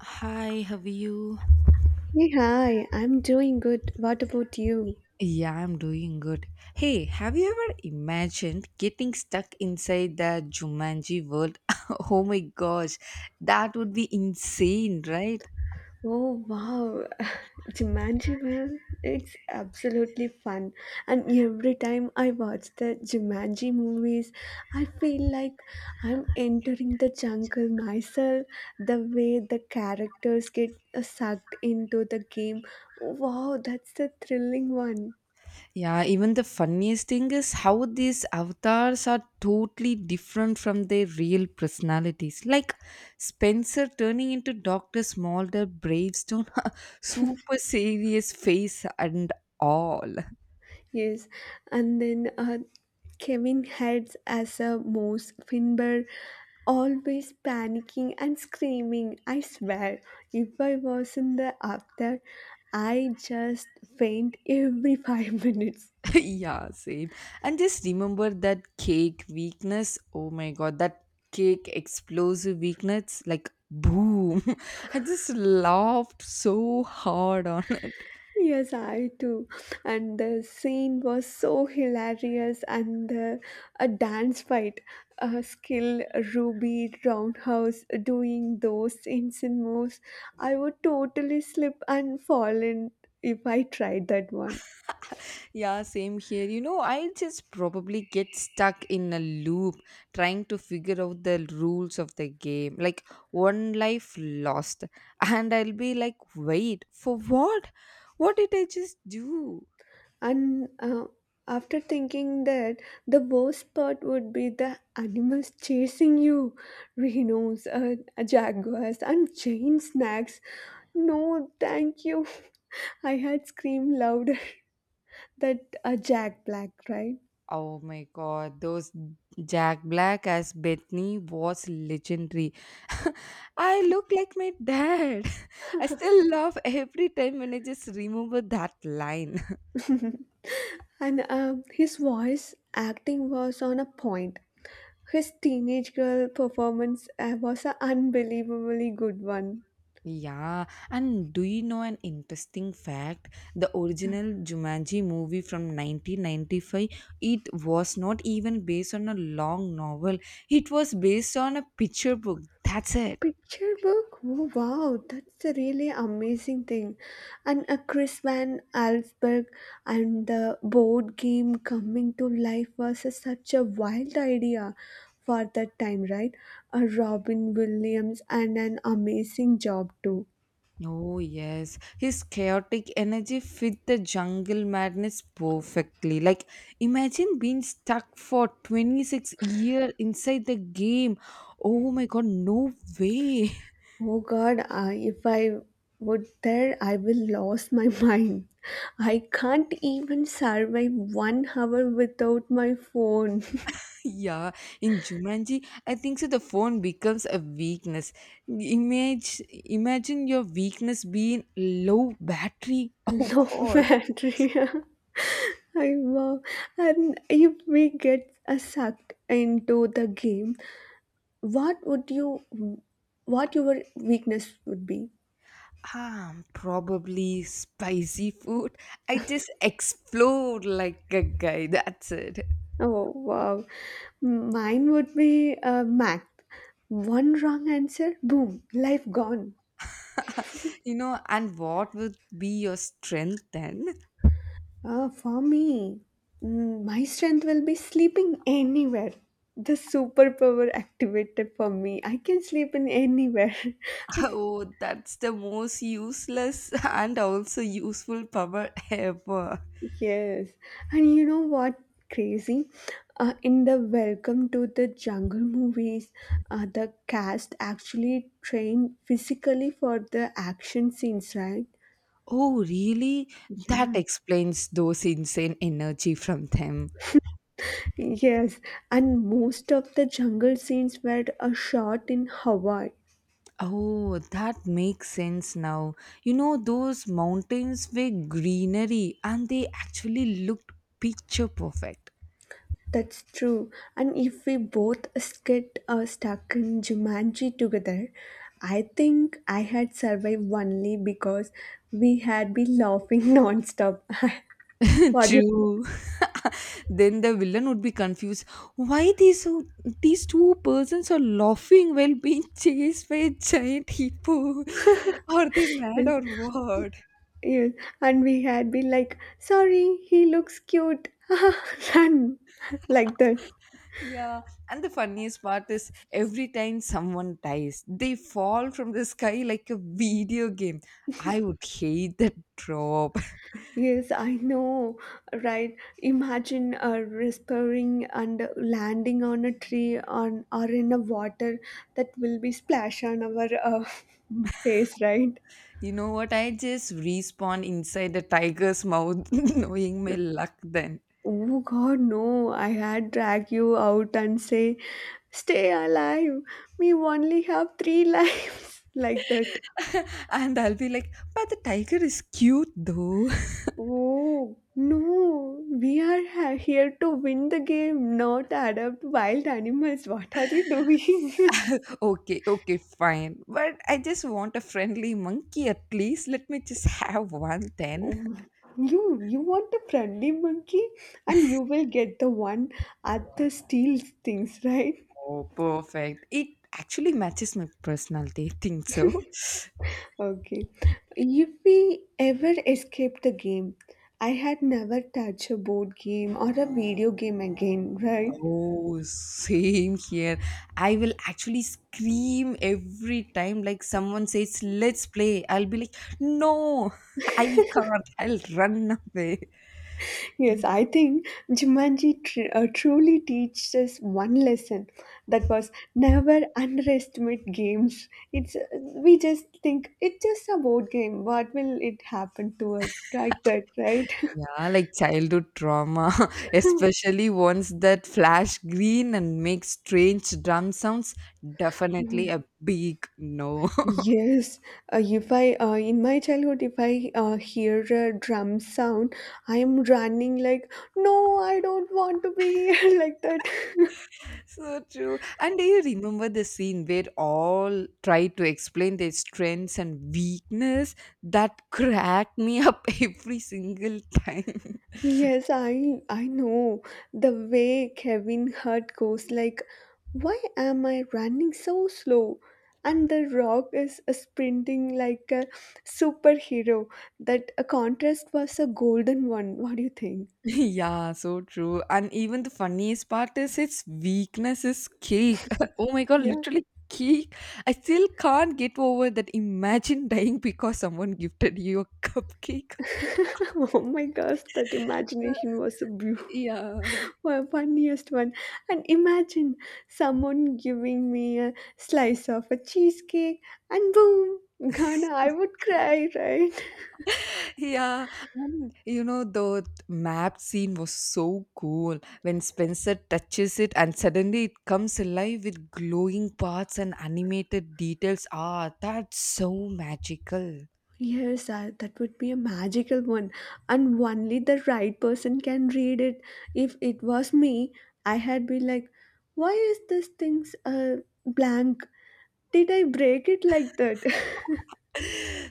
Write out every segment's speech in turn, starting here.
Hi, how are you? Hey, hi, I'm doing good. What about you? Yeah, I'm doing good. Hey, have you ever imagined getting stuck inside the Jumanji world? oh my gosh, that would be insane, right? Oh, wow. Jumanji, man, it's absolutely fun. And every time I watch the Jumanji movies, I feel like I'm entering the jungle myself. The way the characters get sucked into the game. Wow, that's the thrilling one. Yeah, even the funniest thing is how these avatars are totally different from their real personalities. Like Spencer turning into Dr. Smolder Bravestone, super serious face and all. Yes, and then Kevin heads as a mouse, Finbar always panicking and screaming. I swear, if I wasn't the actor, I just faint every 5 minutes. yeah, same. And just remember that cake weakness. Oh my god, that cake explosive weakness, like boom. I just laughed so hard on it. Yes, I too. And the scene was so hilarious, and a dance fight, a skill, Ruby Roundhouse doing those insane moves. I would totally slip and fall in if I tried that one. Yeah, same here. You know, I just probably get stuck in a loop trying to figure out the rules of the game. Like one life lost. And I'll be like, wait, for what? What did I just do? And after thinking that, the worst part would be the animals chasing you rhinos, jaguars, and giant snakes. No, thank you. I had screamed louder that a Jack Black, right? Oh my god, those Jack Black as Bethany was legendary. I look like my dad. I still laugh every time when I just remember that line. And his voice acting was on a point. His teenage girl performance was an unbelievably good one. Yeah, and do you know an interesting fact? The original Jumanji movie from 1995, it was not even based on a long novel. It was based on a picture book. That's it. Picture book? Oh, wow, that's a really amazing thing. And a Chris Van Allsburg and the board game coming to life was such a wild idea for that time, right? A Robin Williams and an amazing job too. Oh, yes. His chaotic energy fit the jungle madness perfectly. Like, imagine being stuck for 26 years inside the game. Oh my god, no way. Oh God, I if I would there, I will lose my mind. I can't even survive 1 hour without my phone. yeah, in Jumanji, I think so the phone becomes a weakness. Image, imagine your weakness being low battery. Oh Low god. battery. I wow. And if we get sucked into the game, what would you, what your weakness would be? Probably spicy food. I just explode like a guy. That's it. Oh wow, mine would be math. One wrong answer, boom, life gone. you know, and what would be your strength then? For me, my strength will be sleeping anywhere. The superpower activated for me. I can sleep in anywhere. I Oh, that's the most useless and also useful power ever. yes, and you know what? Crazy. In the Welcome to the Jungle movies, the cast actually trained physically for the action scenes, right? Oh, really? That Yeah, explains those insane energy from them. yes, and most of the jungle scenes were shot in Hawaii. Oh, that makes sense now. You know, those mountains were greenery and they actually looked picture perfect. That's true. And if we both get stuck in Jumanji together, I think I had survived only because we had been laughing non-stop. What do you True. Then the villain would be confused. Why these so these two persons are laughing while being chased by a giant hippo? Are they mad think? or what? Yes. And we had been like, sorry, he looks cute. Run. Like that. Yeah, and the funniest part is every time someone dies, they fall from the sky like a video game. I would hate that drop. Yes, I know, right? Imagine whispering and landing on a tree on or in a water that will be splash on our face, right? You know what? I just respawn inside the tiger's mouth, knowing my luck then. Oh God, no! I had drag you out and say, "Stay alive. We only have three lives," like that. and I'll be like, but the tiger is cute though. Oh, no, we are here to win the game, not adopt wild animals. What are you doing? okay, okay, fine. But I just want a friendly monkey at least. Let me just have one then. Oh, you want a friendly monkey and you will get the one at the steals things, right? Oh, perfect. It actually matches my personality. I think so. Okay. If we ever escape the game, I had never touched a board game or a video game again, right? Oh, same here. I will actually scream every time like someone says, let's play. I'll be like, no, I can't. I'll run away. Yes, I think Jumanji truly teaches us one lesson that was never underestimate games. It's we just think it's just a board game. What will it happen to us? Like that, right? Yeah, like childhood trauma, especially ones that flash green and make strange drum sounds, definitely Mm. a big no. Yes, if I in my childhood, if I hear a drum sound, I am running like, no, I don't want to be here like that. So true. And do you remember the scene where all try to explain their strengths and weakness that cracked me up every single time? Yes, I know. The way Kevin Hart goes like, why am I running so slow? And the rock is sprinting like a superhero. That a contrast was a golden one. What do you think? Yeah, so true. And even the funniest part is its weakness is cake. Oh my god, Yeah. literally cake. I still can't get over that. Imagine dying because someone gifted you a cupcake. oh my gosh, that Uh, imagination was a beautiful, yeah, funniest one. And imagine someone giving me a slice of a cheesecake and boom, Ghana, I would cry, right? yeah, and you know the map scene was so cool when Spencer touches it and suddenly it comes alive with glowing parts and animated details. Ah, that's so magical. Yes, that would be a magical one. And only the right person can read it. If it was me, I had been like, why is this thing's blank? Did I break it like that?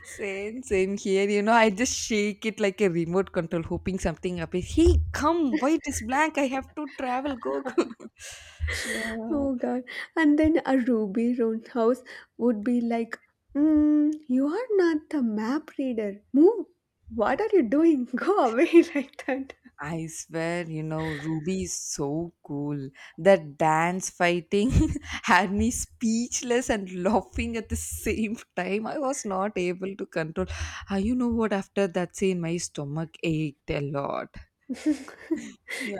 Same, same here. You know, I just shake it like a remote control, hoping something appears. Hey, come! Why it is blank? I have to travel. Go, go. yeah, Oh god. And then a Ruby Roundhouse would be like, you are not the map reader. Move. What are you doing? Go away like that. I swear. You know, Ruby is so cool. That dance fighting had me speechless and laughing at the same time. I was not able to control. Ah, you know what? After that scene, my stomach ached a lot.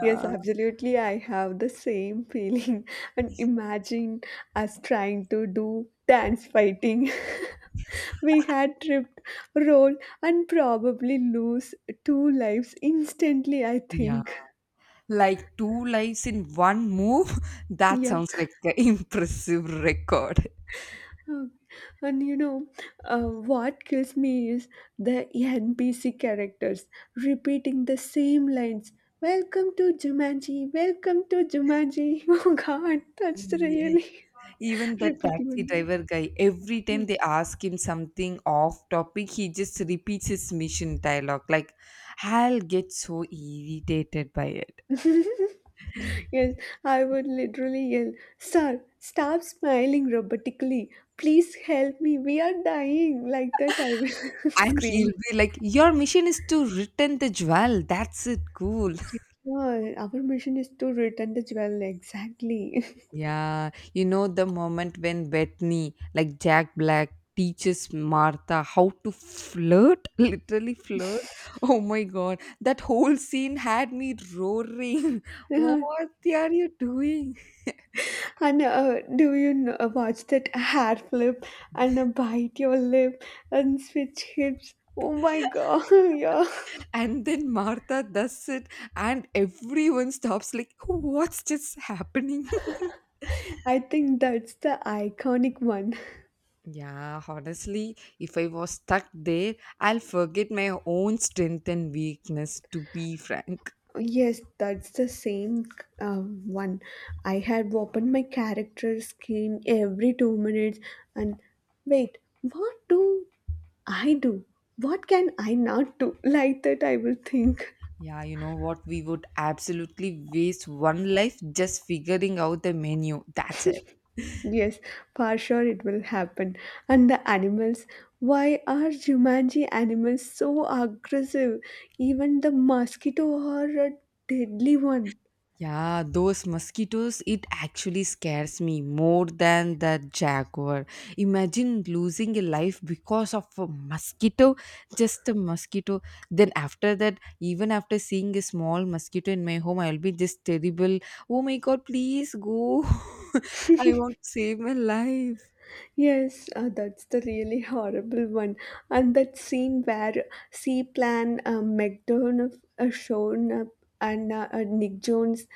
Yes, absolutely. I have the same feeling. And imagine us trying to do dance fighting. We had tripped, roll, and probably lose two lives instantly, I Yeah. think. Like two lives in one move? That Yeah. sounds like an impressive record. Um, and you know, uh, what kills me is the NPC characters repeating the same lines. Welcome to Jumanji, welcome to Jumanji. Oh God, that's Yeah. really. Even the Repeating taxi on driver guy, every time they ask him something off topic, he just repeats his mission dialogue. Like, I'll get so irritated by it. yeah. Yes, I would literally yell, sir, stop smiling robotically. Please help me. We are dying. Like that, I will And scream. he'll be like, your mission is to return the jewel. That's it. Cool. Yeah, our mission is to return the jewel. Exactly. Yeah, you know the moment when Bethany, like Jack Black, teaches Martha how to flirt, literally flirt. Oh my god, that whole scene had me roaring. What Yeah. are you doing? And do you know, watch that hair flip and bite your lip and switch hips? Oh my god. Yeah. And then Martha does it, and everyone stops, like, what's just happening? I think that's the iconic one. Yeah, honestly, if I was stuck there, I'll forget my own strength and weakness, to be frank. Yes, that's the same one. I had opened my character screen every 2 minutes and wait, what do I do? What can I not do? Like that, I will think. Yeah, you know what? We would absolutely waste one life just figuring out the menu. That's it. Yes, for sure it will happen. And the animals, why are Jumanji animals so aggressive? Even the mosquito are a deadly one. Yeah, those mosquitoes, it actually scares me more than the jaguar. Imagine losing a life because of a mosquito, just a mosquito. Then, after that, even after seeing a small mosquito in my home, I'll be just terrible. Oh my god, please go. I want to save my life. Yes, that's the really horrible one. And that scene where C-Plan McDonough shown up and Nick Jones.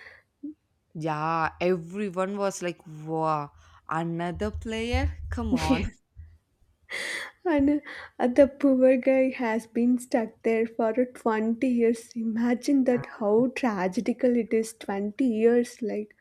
Yeah, everyone was like, wow, another player? Come on. Yes. And the poor guy has been stuck there for 20 years. Imagine that how tragedical it is 20 years like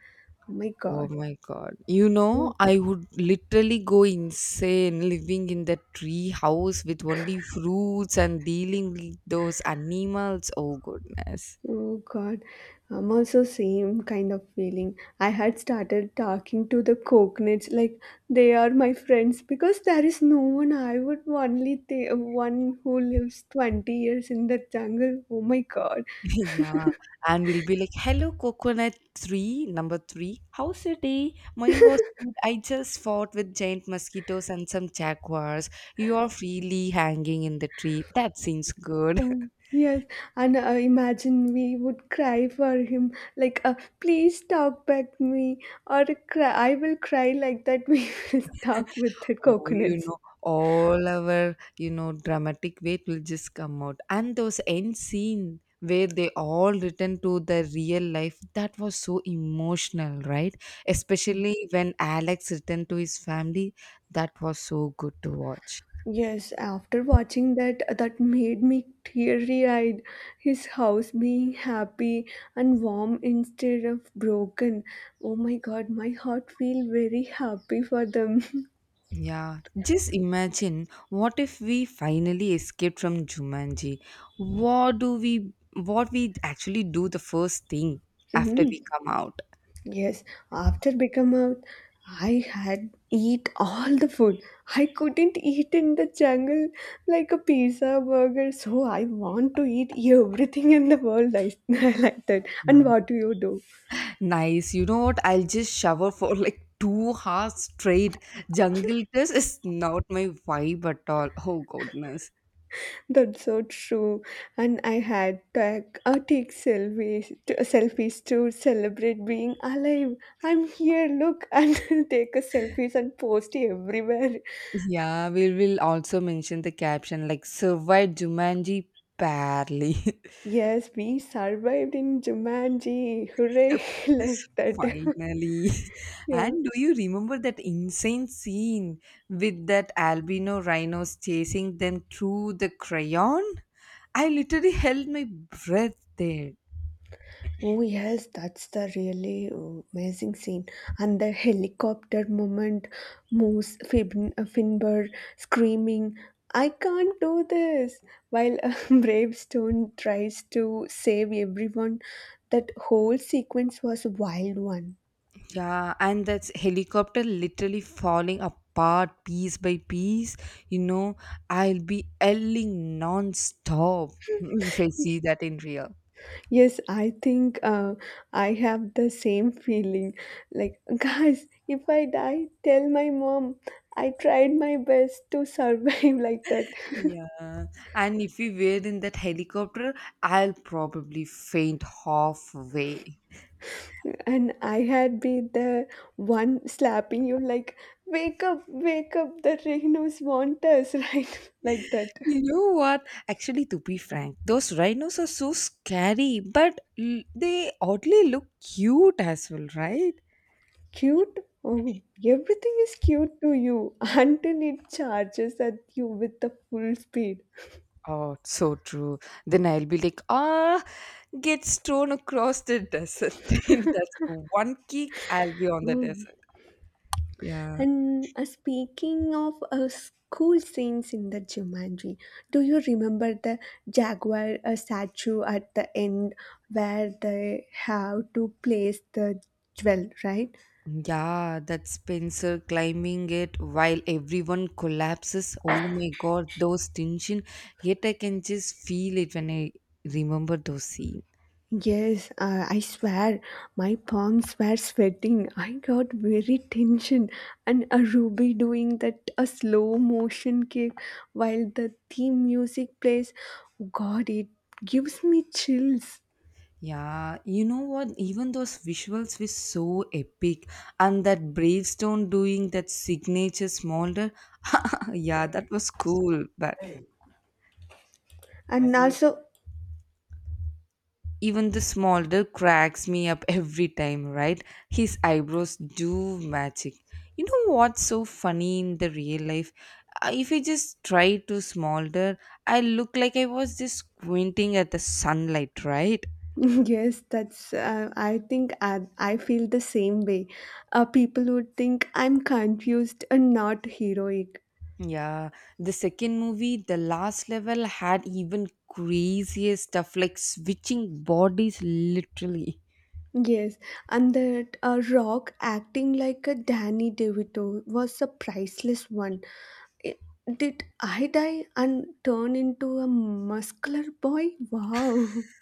my Oh god. my god. You know, I would literally go insane living in that tree house with only fruits and dealing with those animals. Oh goodness. Oh God, I'm also same kind of feeling. I had started talking to the coconuts like they are my friends because there is no one. I would only the one who lives 20 years in the jungle. Oh my God. yeah. And we'll be like, hello, coconut tree, number three. How's your day? Mine was good. I just fought with giant mosquitoes and some jaguars. You are freely hanging in the tree. That seems good. Yes, and imagine we would cry for him like, please talk back me or cry. I will cry like that. We will talk with the Oh, you coconuts. know, all our, you know, dramatic weight will just come out. And those end scene where they all return to the real life, that was so emotional, right? Especially when Alex returned to his family, that was so good to watch. Yes, after watching that, that made me teary-eyed. His house being happy and warm instead of broken. Oh my God, my heart feel very happy for them. Yeah, just imagine what if we finally escaped from Jumanji? What we actually do the first thing after we Mm, come out? yes, after become out, I had eat all the food. I couldn't eat in the jungle like a pizza burger. So I want to eat everything in the world. I, I like that. And what do you do? Nice. You know what? I'll just shower for like 2 hours straight. Jungle Cruise is not my vibe at all. Oh goodness. That's so true. And I had tag, take selfies to celebrate being alive. I'm here, look, and take a selfies and post everywhere. Yeah, we will also mention the caption like survived Jumanji barely. Yes, we survived in Jumanji. Hooray, like that. Finally. Yeah. And do you remember that insane scene with that albino rhinos chasing them through the crayon? I literally held my breath there. Oh yes, that's the really amazing scene, and the helicopter moment, Moose Finn, Finbar screaming, "I can't do this!" While Bravestone tries to save everyone. That whole sequence was a wild one. Yeah, and that's helicopter literally falling apart piece by piece. You know, I'll be yelling non-stop if I see that in real. Yes, I think I have the same feeling. Like, guys, if I die, tell my mom I tried my best to survive like that. Yeah, and if we were in that helicopter, I'll probably faint halfway. And I had been the one slapping you like, wake up, the rhinos want us, right? Like that. You know what? Actually, to be frank, those rhinos are so scary, but they oddly look cute as well, right? Cute? Oh, everything is cute to you until it charges at you with the full speed. Oh, so true. Then I'll be like, ah, gets thrown across the desert. And that's one kick, I'll be on the Mm. desert. Yeah. And speaking of school scenes in the Jumanji, do you remember the jaguar statue at the end where they have to place the jewel, right? Yeah, that Spencer climbing it while everyone collapses. Oh my God, those tension. Yet I can just feel it when I remember those scenes. Yes, I swear, my palms were sweating. I got very tension, and a Ruby doing that a slow motion kick while the theme music plays. God, it gives me chills. Yeah, you know what? Even those visuals were so epic, and that Bravestone doing that signature smolder. yeah, that was cool, but And also, even the smolder cracks me up every time, right? His eyebrows do magic. You know what's so funny in the real life? If I just try to smolder, I look like I was just squinting at the sunlight, right? yes, that's. I think I feel the same way. People would think I'm confused and not heroic. Yeah, the second movie, The Last Level, had even crazier stuff like switching bodies literally. Yes, and that Rock acting like a Danny DeVito was a priceless one. I- did I die and turn into a muscular boy? Wow.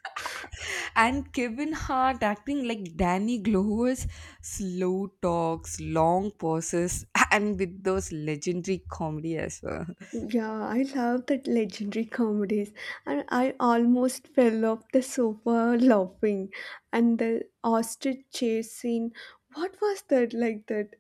And Kevin Hart acting like Danny Glover's slow talks, long pauses, and with those legendary comedy as well. Yeah, I love that legendary comedies, and I almost fell off the sofa laughing. And the ostrich chase scene, what was that like that?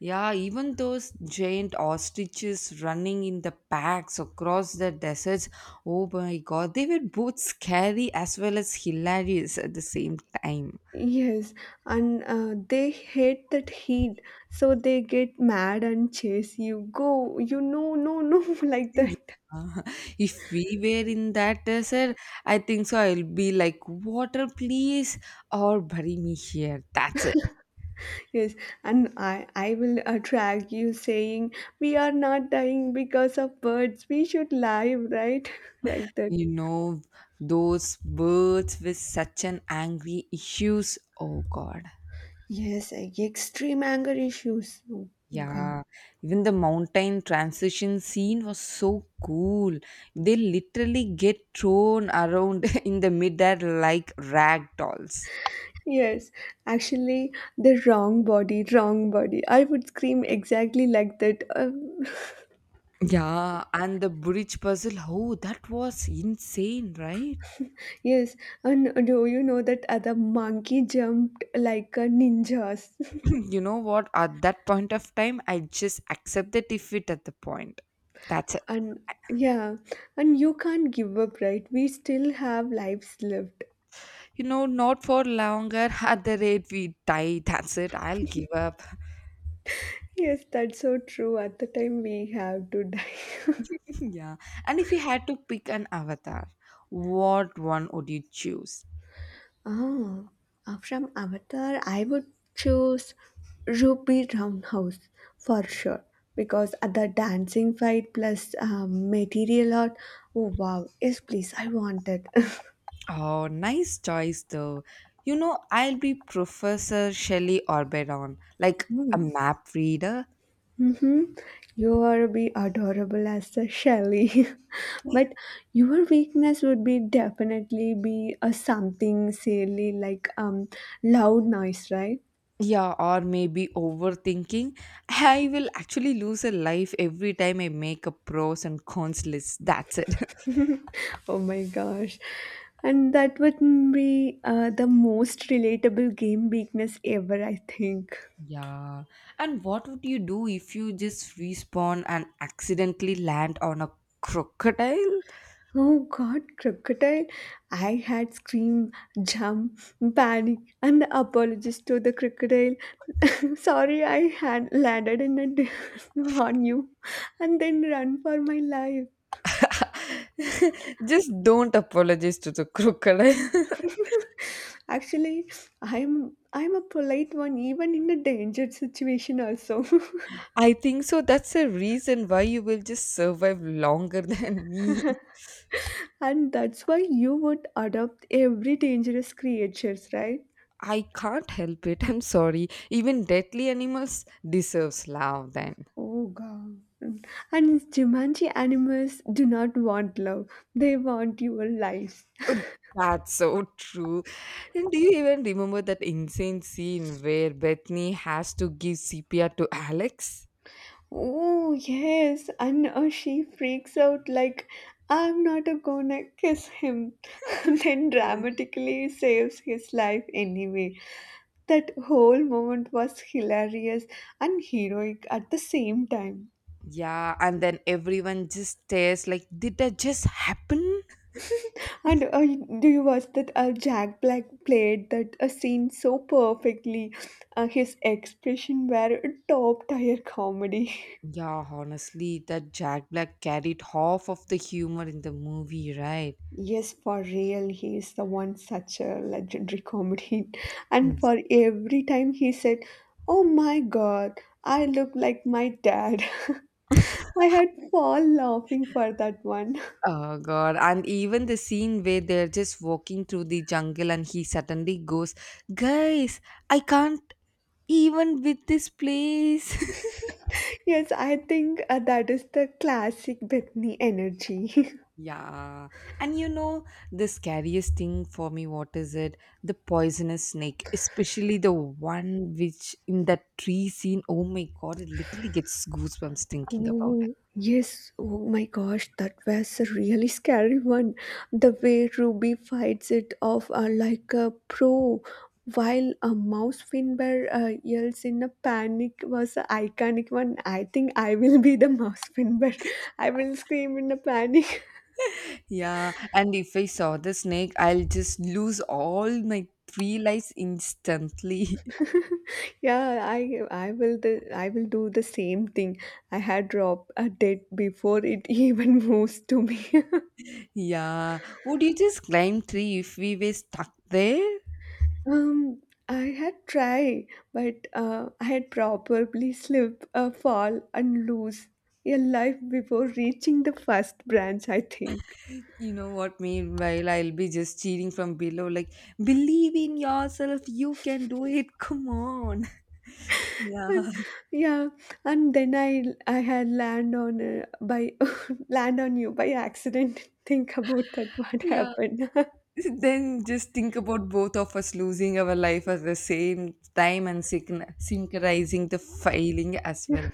Yeah, even those giant ostriches running in the packs across the deserts. Oh my god, they were both scary as well as hilarious at the same time. Yes, and they hate that heat, so they get mad and chase you. Go, you no, no, no, like that. Yeah. If we were in that desert, I think so. I'll be like, water, please, or bury me here. That's it. Yes, and I will attract you saying we are not dying because of birds. We should live, right? like that. You know, those birds with such an angry issues. Oh, God. Yes, extreme anger issues. Oh, God. Yeah. Even the mountain transition scene was so cool. They literally get thrown around in the midair like rag dolls. Yes, actually, wrong body. I would scream exactly like that. Yeah. And the bridge puzzle. Oh, that was insane, right? Yes, and do you know that other monkey jumped like a ninjas? You know what? At that point of time I just accept the defeat at the point. That's it. And yeah, and you can't give up, right? We still have lives left. You know, not for longer at the rate we die. That's it, I'll give up. Yes, that's so true. At the time, we have to die. Yeah, and if you had to pick an avatar, what one would you choose? Oh, from Avatar, I would choose Ruby Roundhouse for sure because at the dancing fight plus material art. Oh wow! Yes, please, I want it. Oh, nice choice though. You know, I'll be Professor Shelley Orberon, like Hmm. a map reader. Mm-hmm. You are be adorable as the Shelley, but your weakness would be definitely be a something silly like loud noise, right? Yeah, or maybe overthinking. I will actually lose a life every time I make a pros and cons list. That's it. Oh my gosh, and that would be the most relatable game weakness ever, I think. Yeah. And what would you do if you just respawn and accidentally land on a crocodile? Oh God, crocodile! I had screamed, jump, panic, and apologized to the crocodile. Sorry, I had landed in on you, and then run for my life. just don't apologize to the crocodile. Actually, I'm a polite one, even in a dangerous situation also. I think so. That's the reason why you will just survive longer than me. And that's why you would adopt every dangerous creatures, right? I can't help it. I'm sorry. Even deadly animals deserves love then. Oh god. And Jumanji animals do not want love. They want your lives. That's so true. And do you even remember that insane scene where Bethany has to give CPR to Alex? Oh yes, and she freaks out like I'm not a gonna kiss him. Then Yeah. dramatically saves his life anyway. That whole moment was hilarious and heroic at the same time. Yeah, and then everyone just stares like, did that just happen? And do you watch that Jack Black played that scene so perfectly? His expression were top tier comedy. Yeah, honestly, that Jack Black carried half of the humor in the movie, right? Yes, for real, he is the one such a legendary comedian. And Yes. for every time he said, "Oh my God, I look like my dad," I had fall laughing for that one. Oh god, and even the scene where they're just walking through the jungle and he suddenly goes, guys, I can't even with this place. Yes, I think that is the classic Bethany energy. Yeah, and you know the scariest thing for me, what is it? The poisonous snake, especially the one which in that tree scene. Oh my god, it literally gets goosebumps thinking about it. Oh, yes. Oh my gosh, that was a really scary one. The way Ruby fights it off like a pro, while a mouse finbar yells in a panic was an iconic one. I think I will be the mouse finbar. I will scream in a panic. Yeah, and if I saw the snake, I'll just lose all my three lives instantly. Yeah, I will the I will do the same thing. I had dropped a dead before it even moves to me. yeah, would you just climb tree if we were stuck there? Um, I had try, but I had probably slip, fall, and lose a life before reaching the first branch. I think, You know what? Meanwhile, I'll be just cheering from below, like, believe in yourself, you can do it, come on. Yeah. and yeah, and then I had land on by land on you by accident. Think about that. What Yeah. happened? Then just think about both of us losing our life at the same time and synchronizing the failing as well.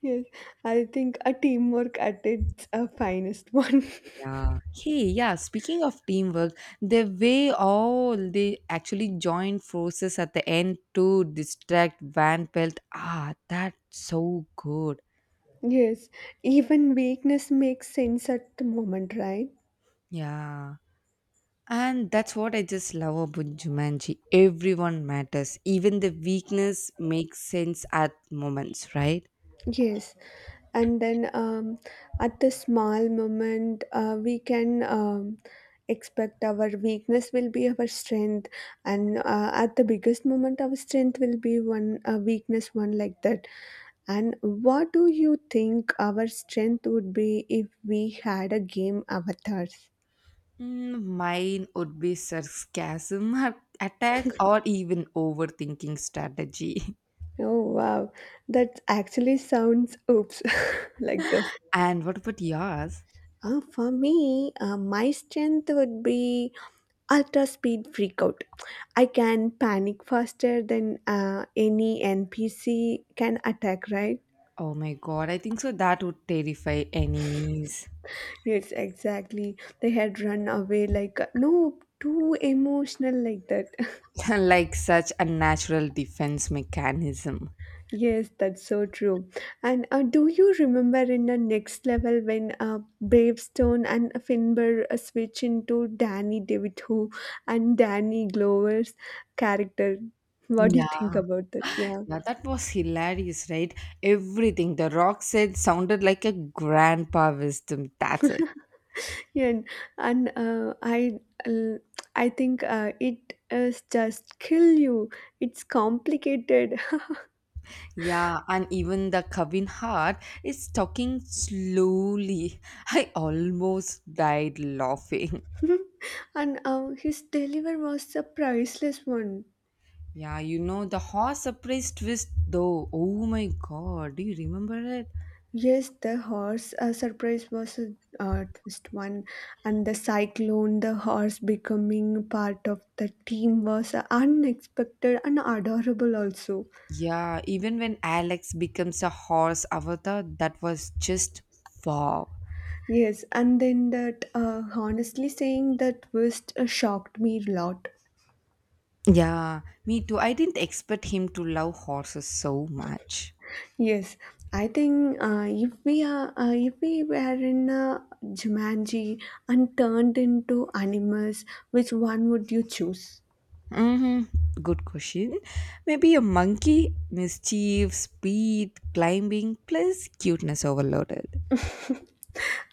Yes, I think a teamwork at its finest one. Yeah. Hey, yeah, speaking of teamwork, the way all they actually joined forces at the end to distract Van Pelt, ah, that's so good. Yes, even weakness makes sense at the moment, right? Yeah. And that's what I just love about Jumanji. Everyone matters. Even the weakness makes sense at moments, right? Yes. And then at the small moment we can expect our weakness will be our strength and at the biggest moment our strength will be one weakness one like that. And what do you think our strength would be if we had a game avatars? Mm, mine would be sarcasm, attack, or even overthinking strategy. Oh wow, that actually sounds oops like that. And what about yours? For me, my strength would be ultra speed freakout. I can panic faster than any npc can attack, right? Oh my god, I think so that would terrify enemies. Yes, exactly. They had run away like no too emotional like that. like such a natural defense mechanism. Yes, that's so true. And do you remember in the next level when bravestone and finbar switch into danny devito and danny glover's character? What do you Yeah, think about that? Yeah. yeah, that was hilarious, right? Everything the rock said sounded like a grandpa wisdom. That's Yeah, and and, uh, I l- I think it is just kill you. It's complicated. Yeah, and even the cabin heart is talking slowly. I almost died laughing. And his deliver was a priceless one. Yeah, you know the horse surprise twist though. Oh my god, do you remember it? Yes, the horse surprise was a twist one, and the cyclone, the horse becoming part of the team was unexpected and adorable also. Yeah, even when Alex becomes a horse avatar, that was just wow. Yes, and then that honestly saying that twist shocked me a lot. Yeah, me too. I didn't expect him to love horses so much. Yes, I think if we were in a Jumanji and turned into animals, which one would you choose? Hmm, good question. Maybe a monkey, mischief, speed, climbing, plus cuteness overloaded.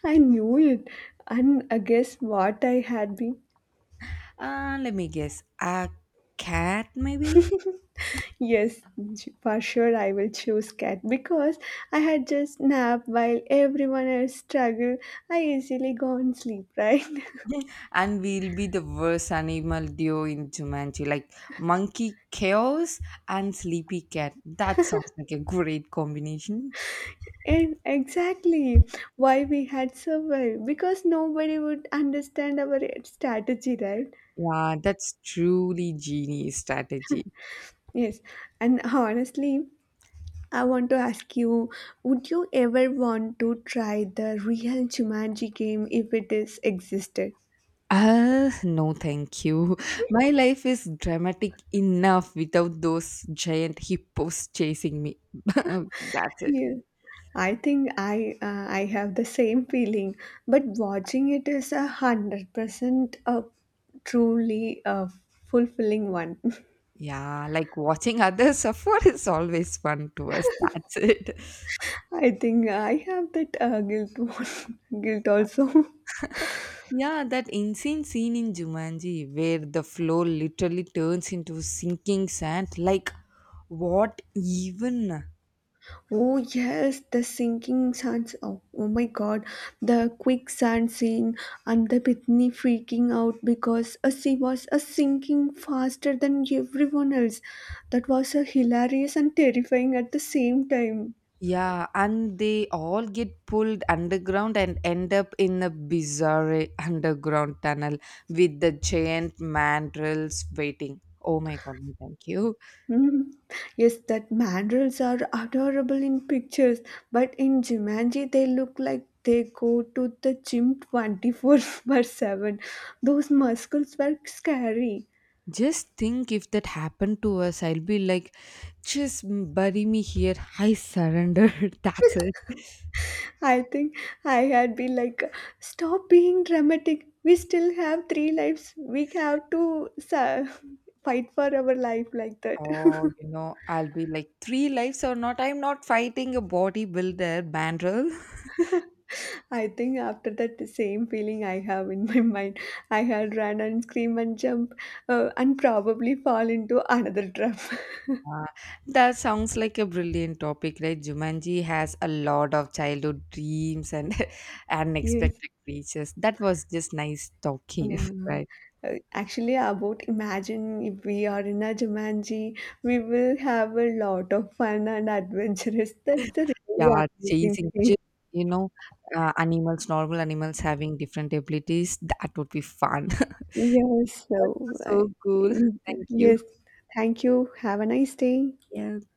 I knew it, and I guess what I had been. Let me guess. A cat, maybe? Yes, for sure I will choose cat because I had just napped while everyone else struggled. I easily go and sleep, right? And we'll be the worst animal duo in Jumanji. Like monkey chaos and sleepy cat. That sounds like a great combination. And exactly why we had survived because nobody would understand our strategy, right? Yeah, that's truly genius strategy. Yes, and honestly, I want to ask you, would you ever want to try the real Jumanji game if it is existed? No, thank you. My life is dramatic enough without those giant hippos chasing me. That's it. Yeah. I think I have the same feeling, but watching it is 100% a truly fulfilling one. Yeah, like watching others suffer is always fun to us. That's it. I think I have that guilt one, guilt also. Yeah, that insane scene in Jumanji where the floor literally turns into sinking sand. Like, what even? Oh yes, the sinking sands. Oh, oh my god, the quicksand scene and the Pitney freaking out because she was sinking faster than everyone else. That was hilarious and terrifying at the same time. Yeah, and they all get pulled underground and end up in a bizarre underground tunnel with the giant mandrels waiting. Oh my god, no, thank you. Mhm. Yes, that mandrels are adorable in pictures, but in Jumanji they look like they go to the gym 24/7. Those muscles were scary. Just think if that happened to us, I'll be like, just bury me here. I surrender. That's it. I think I had been like, stop being dramatic. We still have 3 lives. We have to fight for our life like that. Oh, you know, I'll be like, three lives or not. I'm not fighting a bodybuilder mandrel. I think after that, the same feeling I have in my mind. I had run and scream and jump and probably fall into another trap. Uh, that sounds like a brilliant topic, right? Jumanji has a lot of childhood dreams and Yes. unexpected creatures. That was just nice talking, Yeah. right? Actually, about imagine if we are in a Jumanji, we will have a lot of fun and adventurous. That's the really Yeah, amazing chasing, thing. You know, animals, normal animals having different abilities. That would be fun. that Yes, was so so cool. in- Thank you. yes, thank you. Have a nice day. Yeah.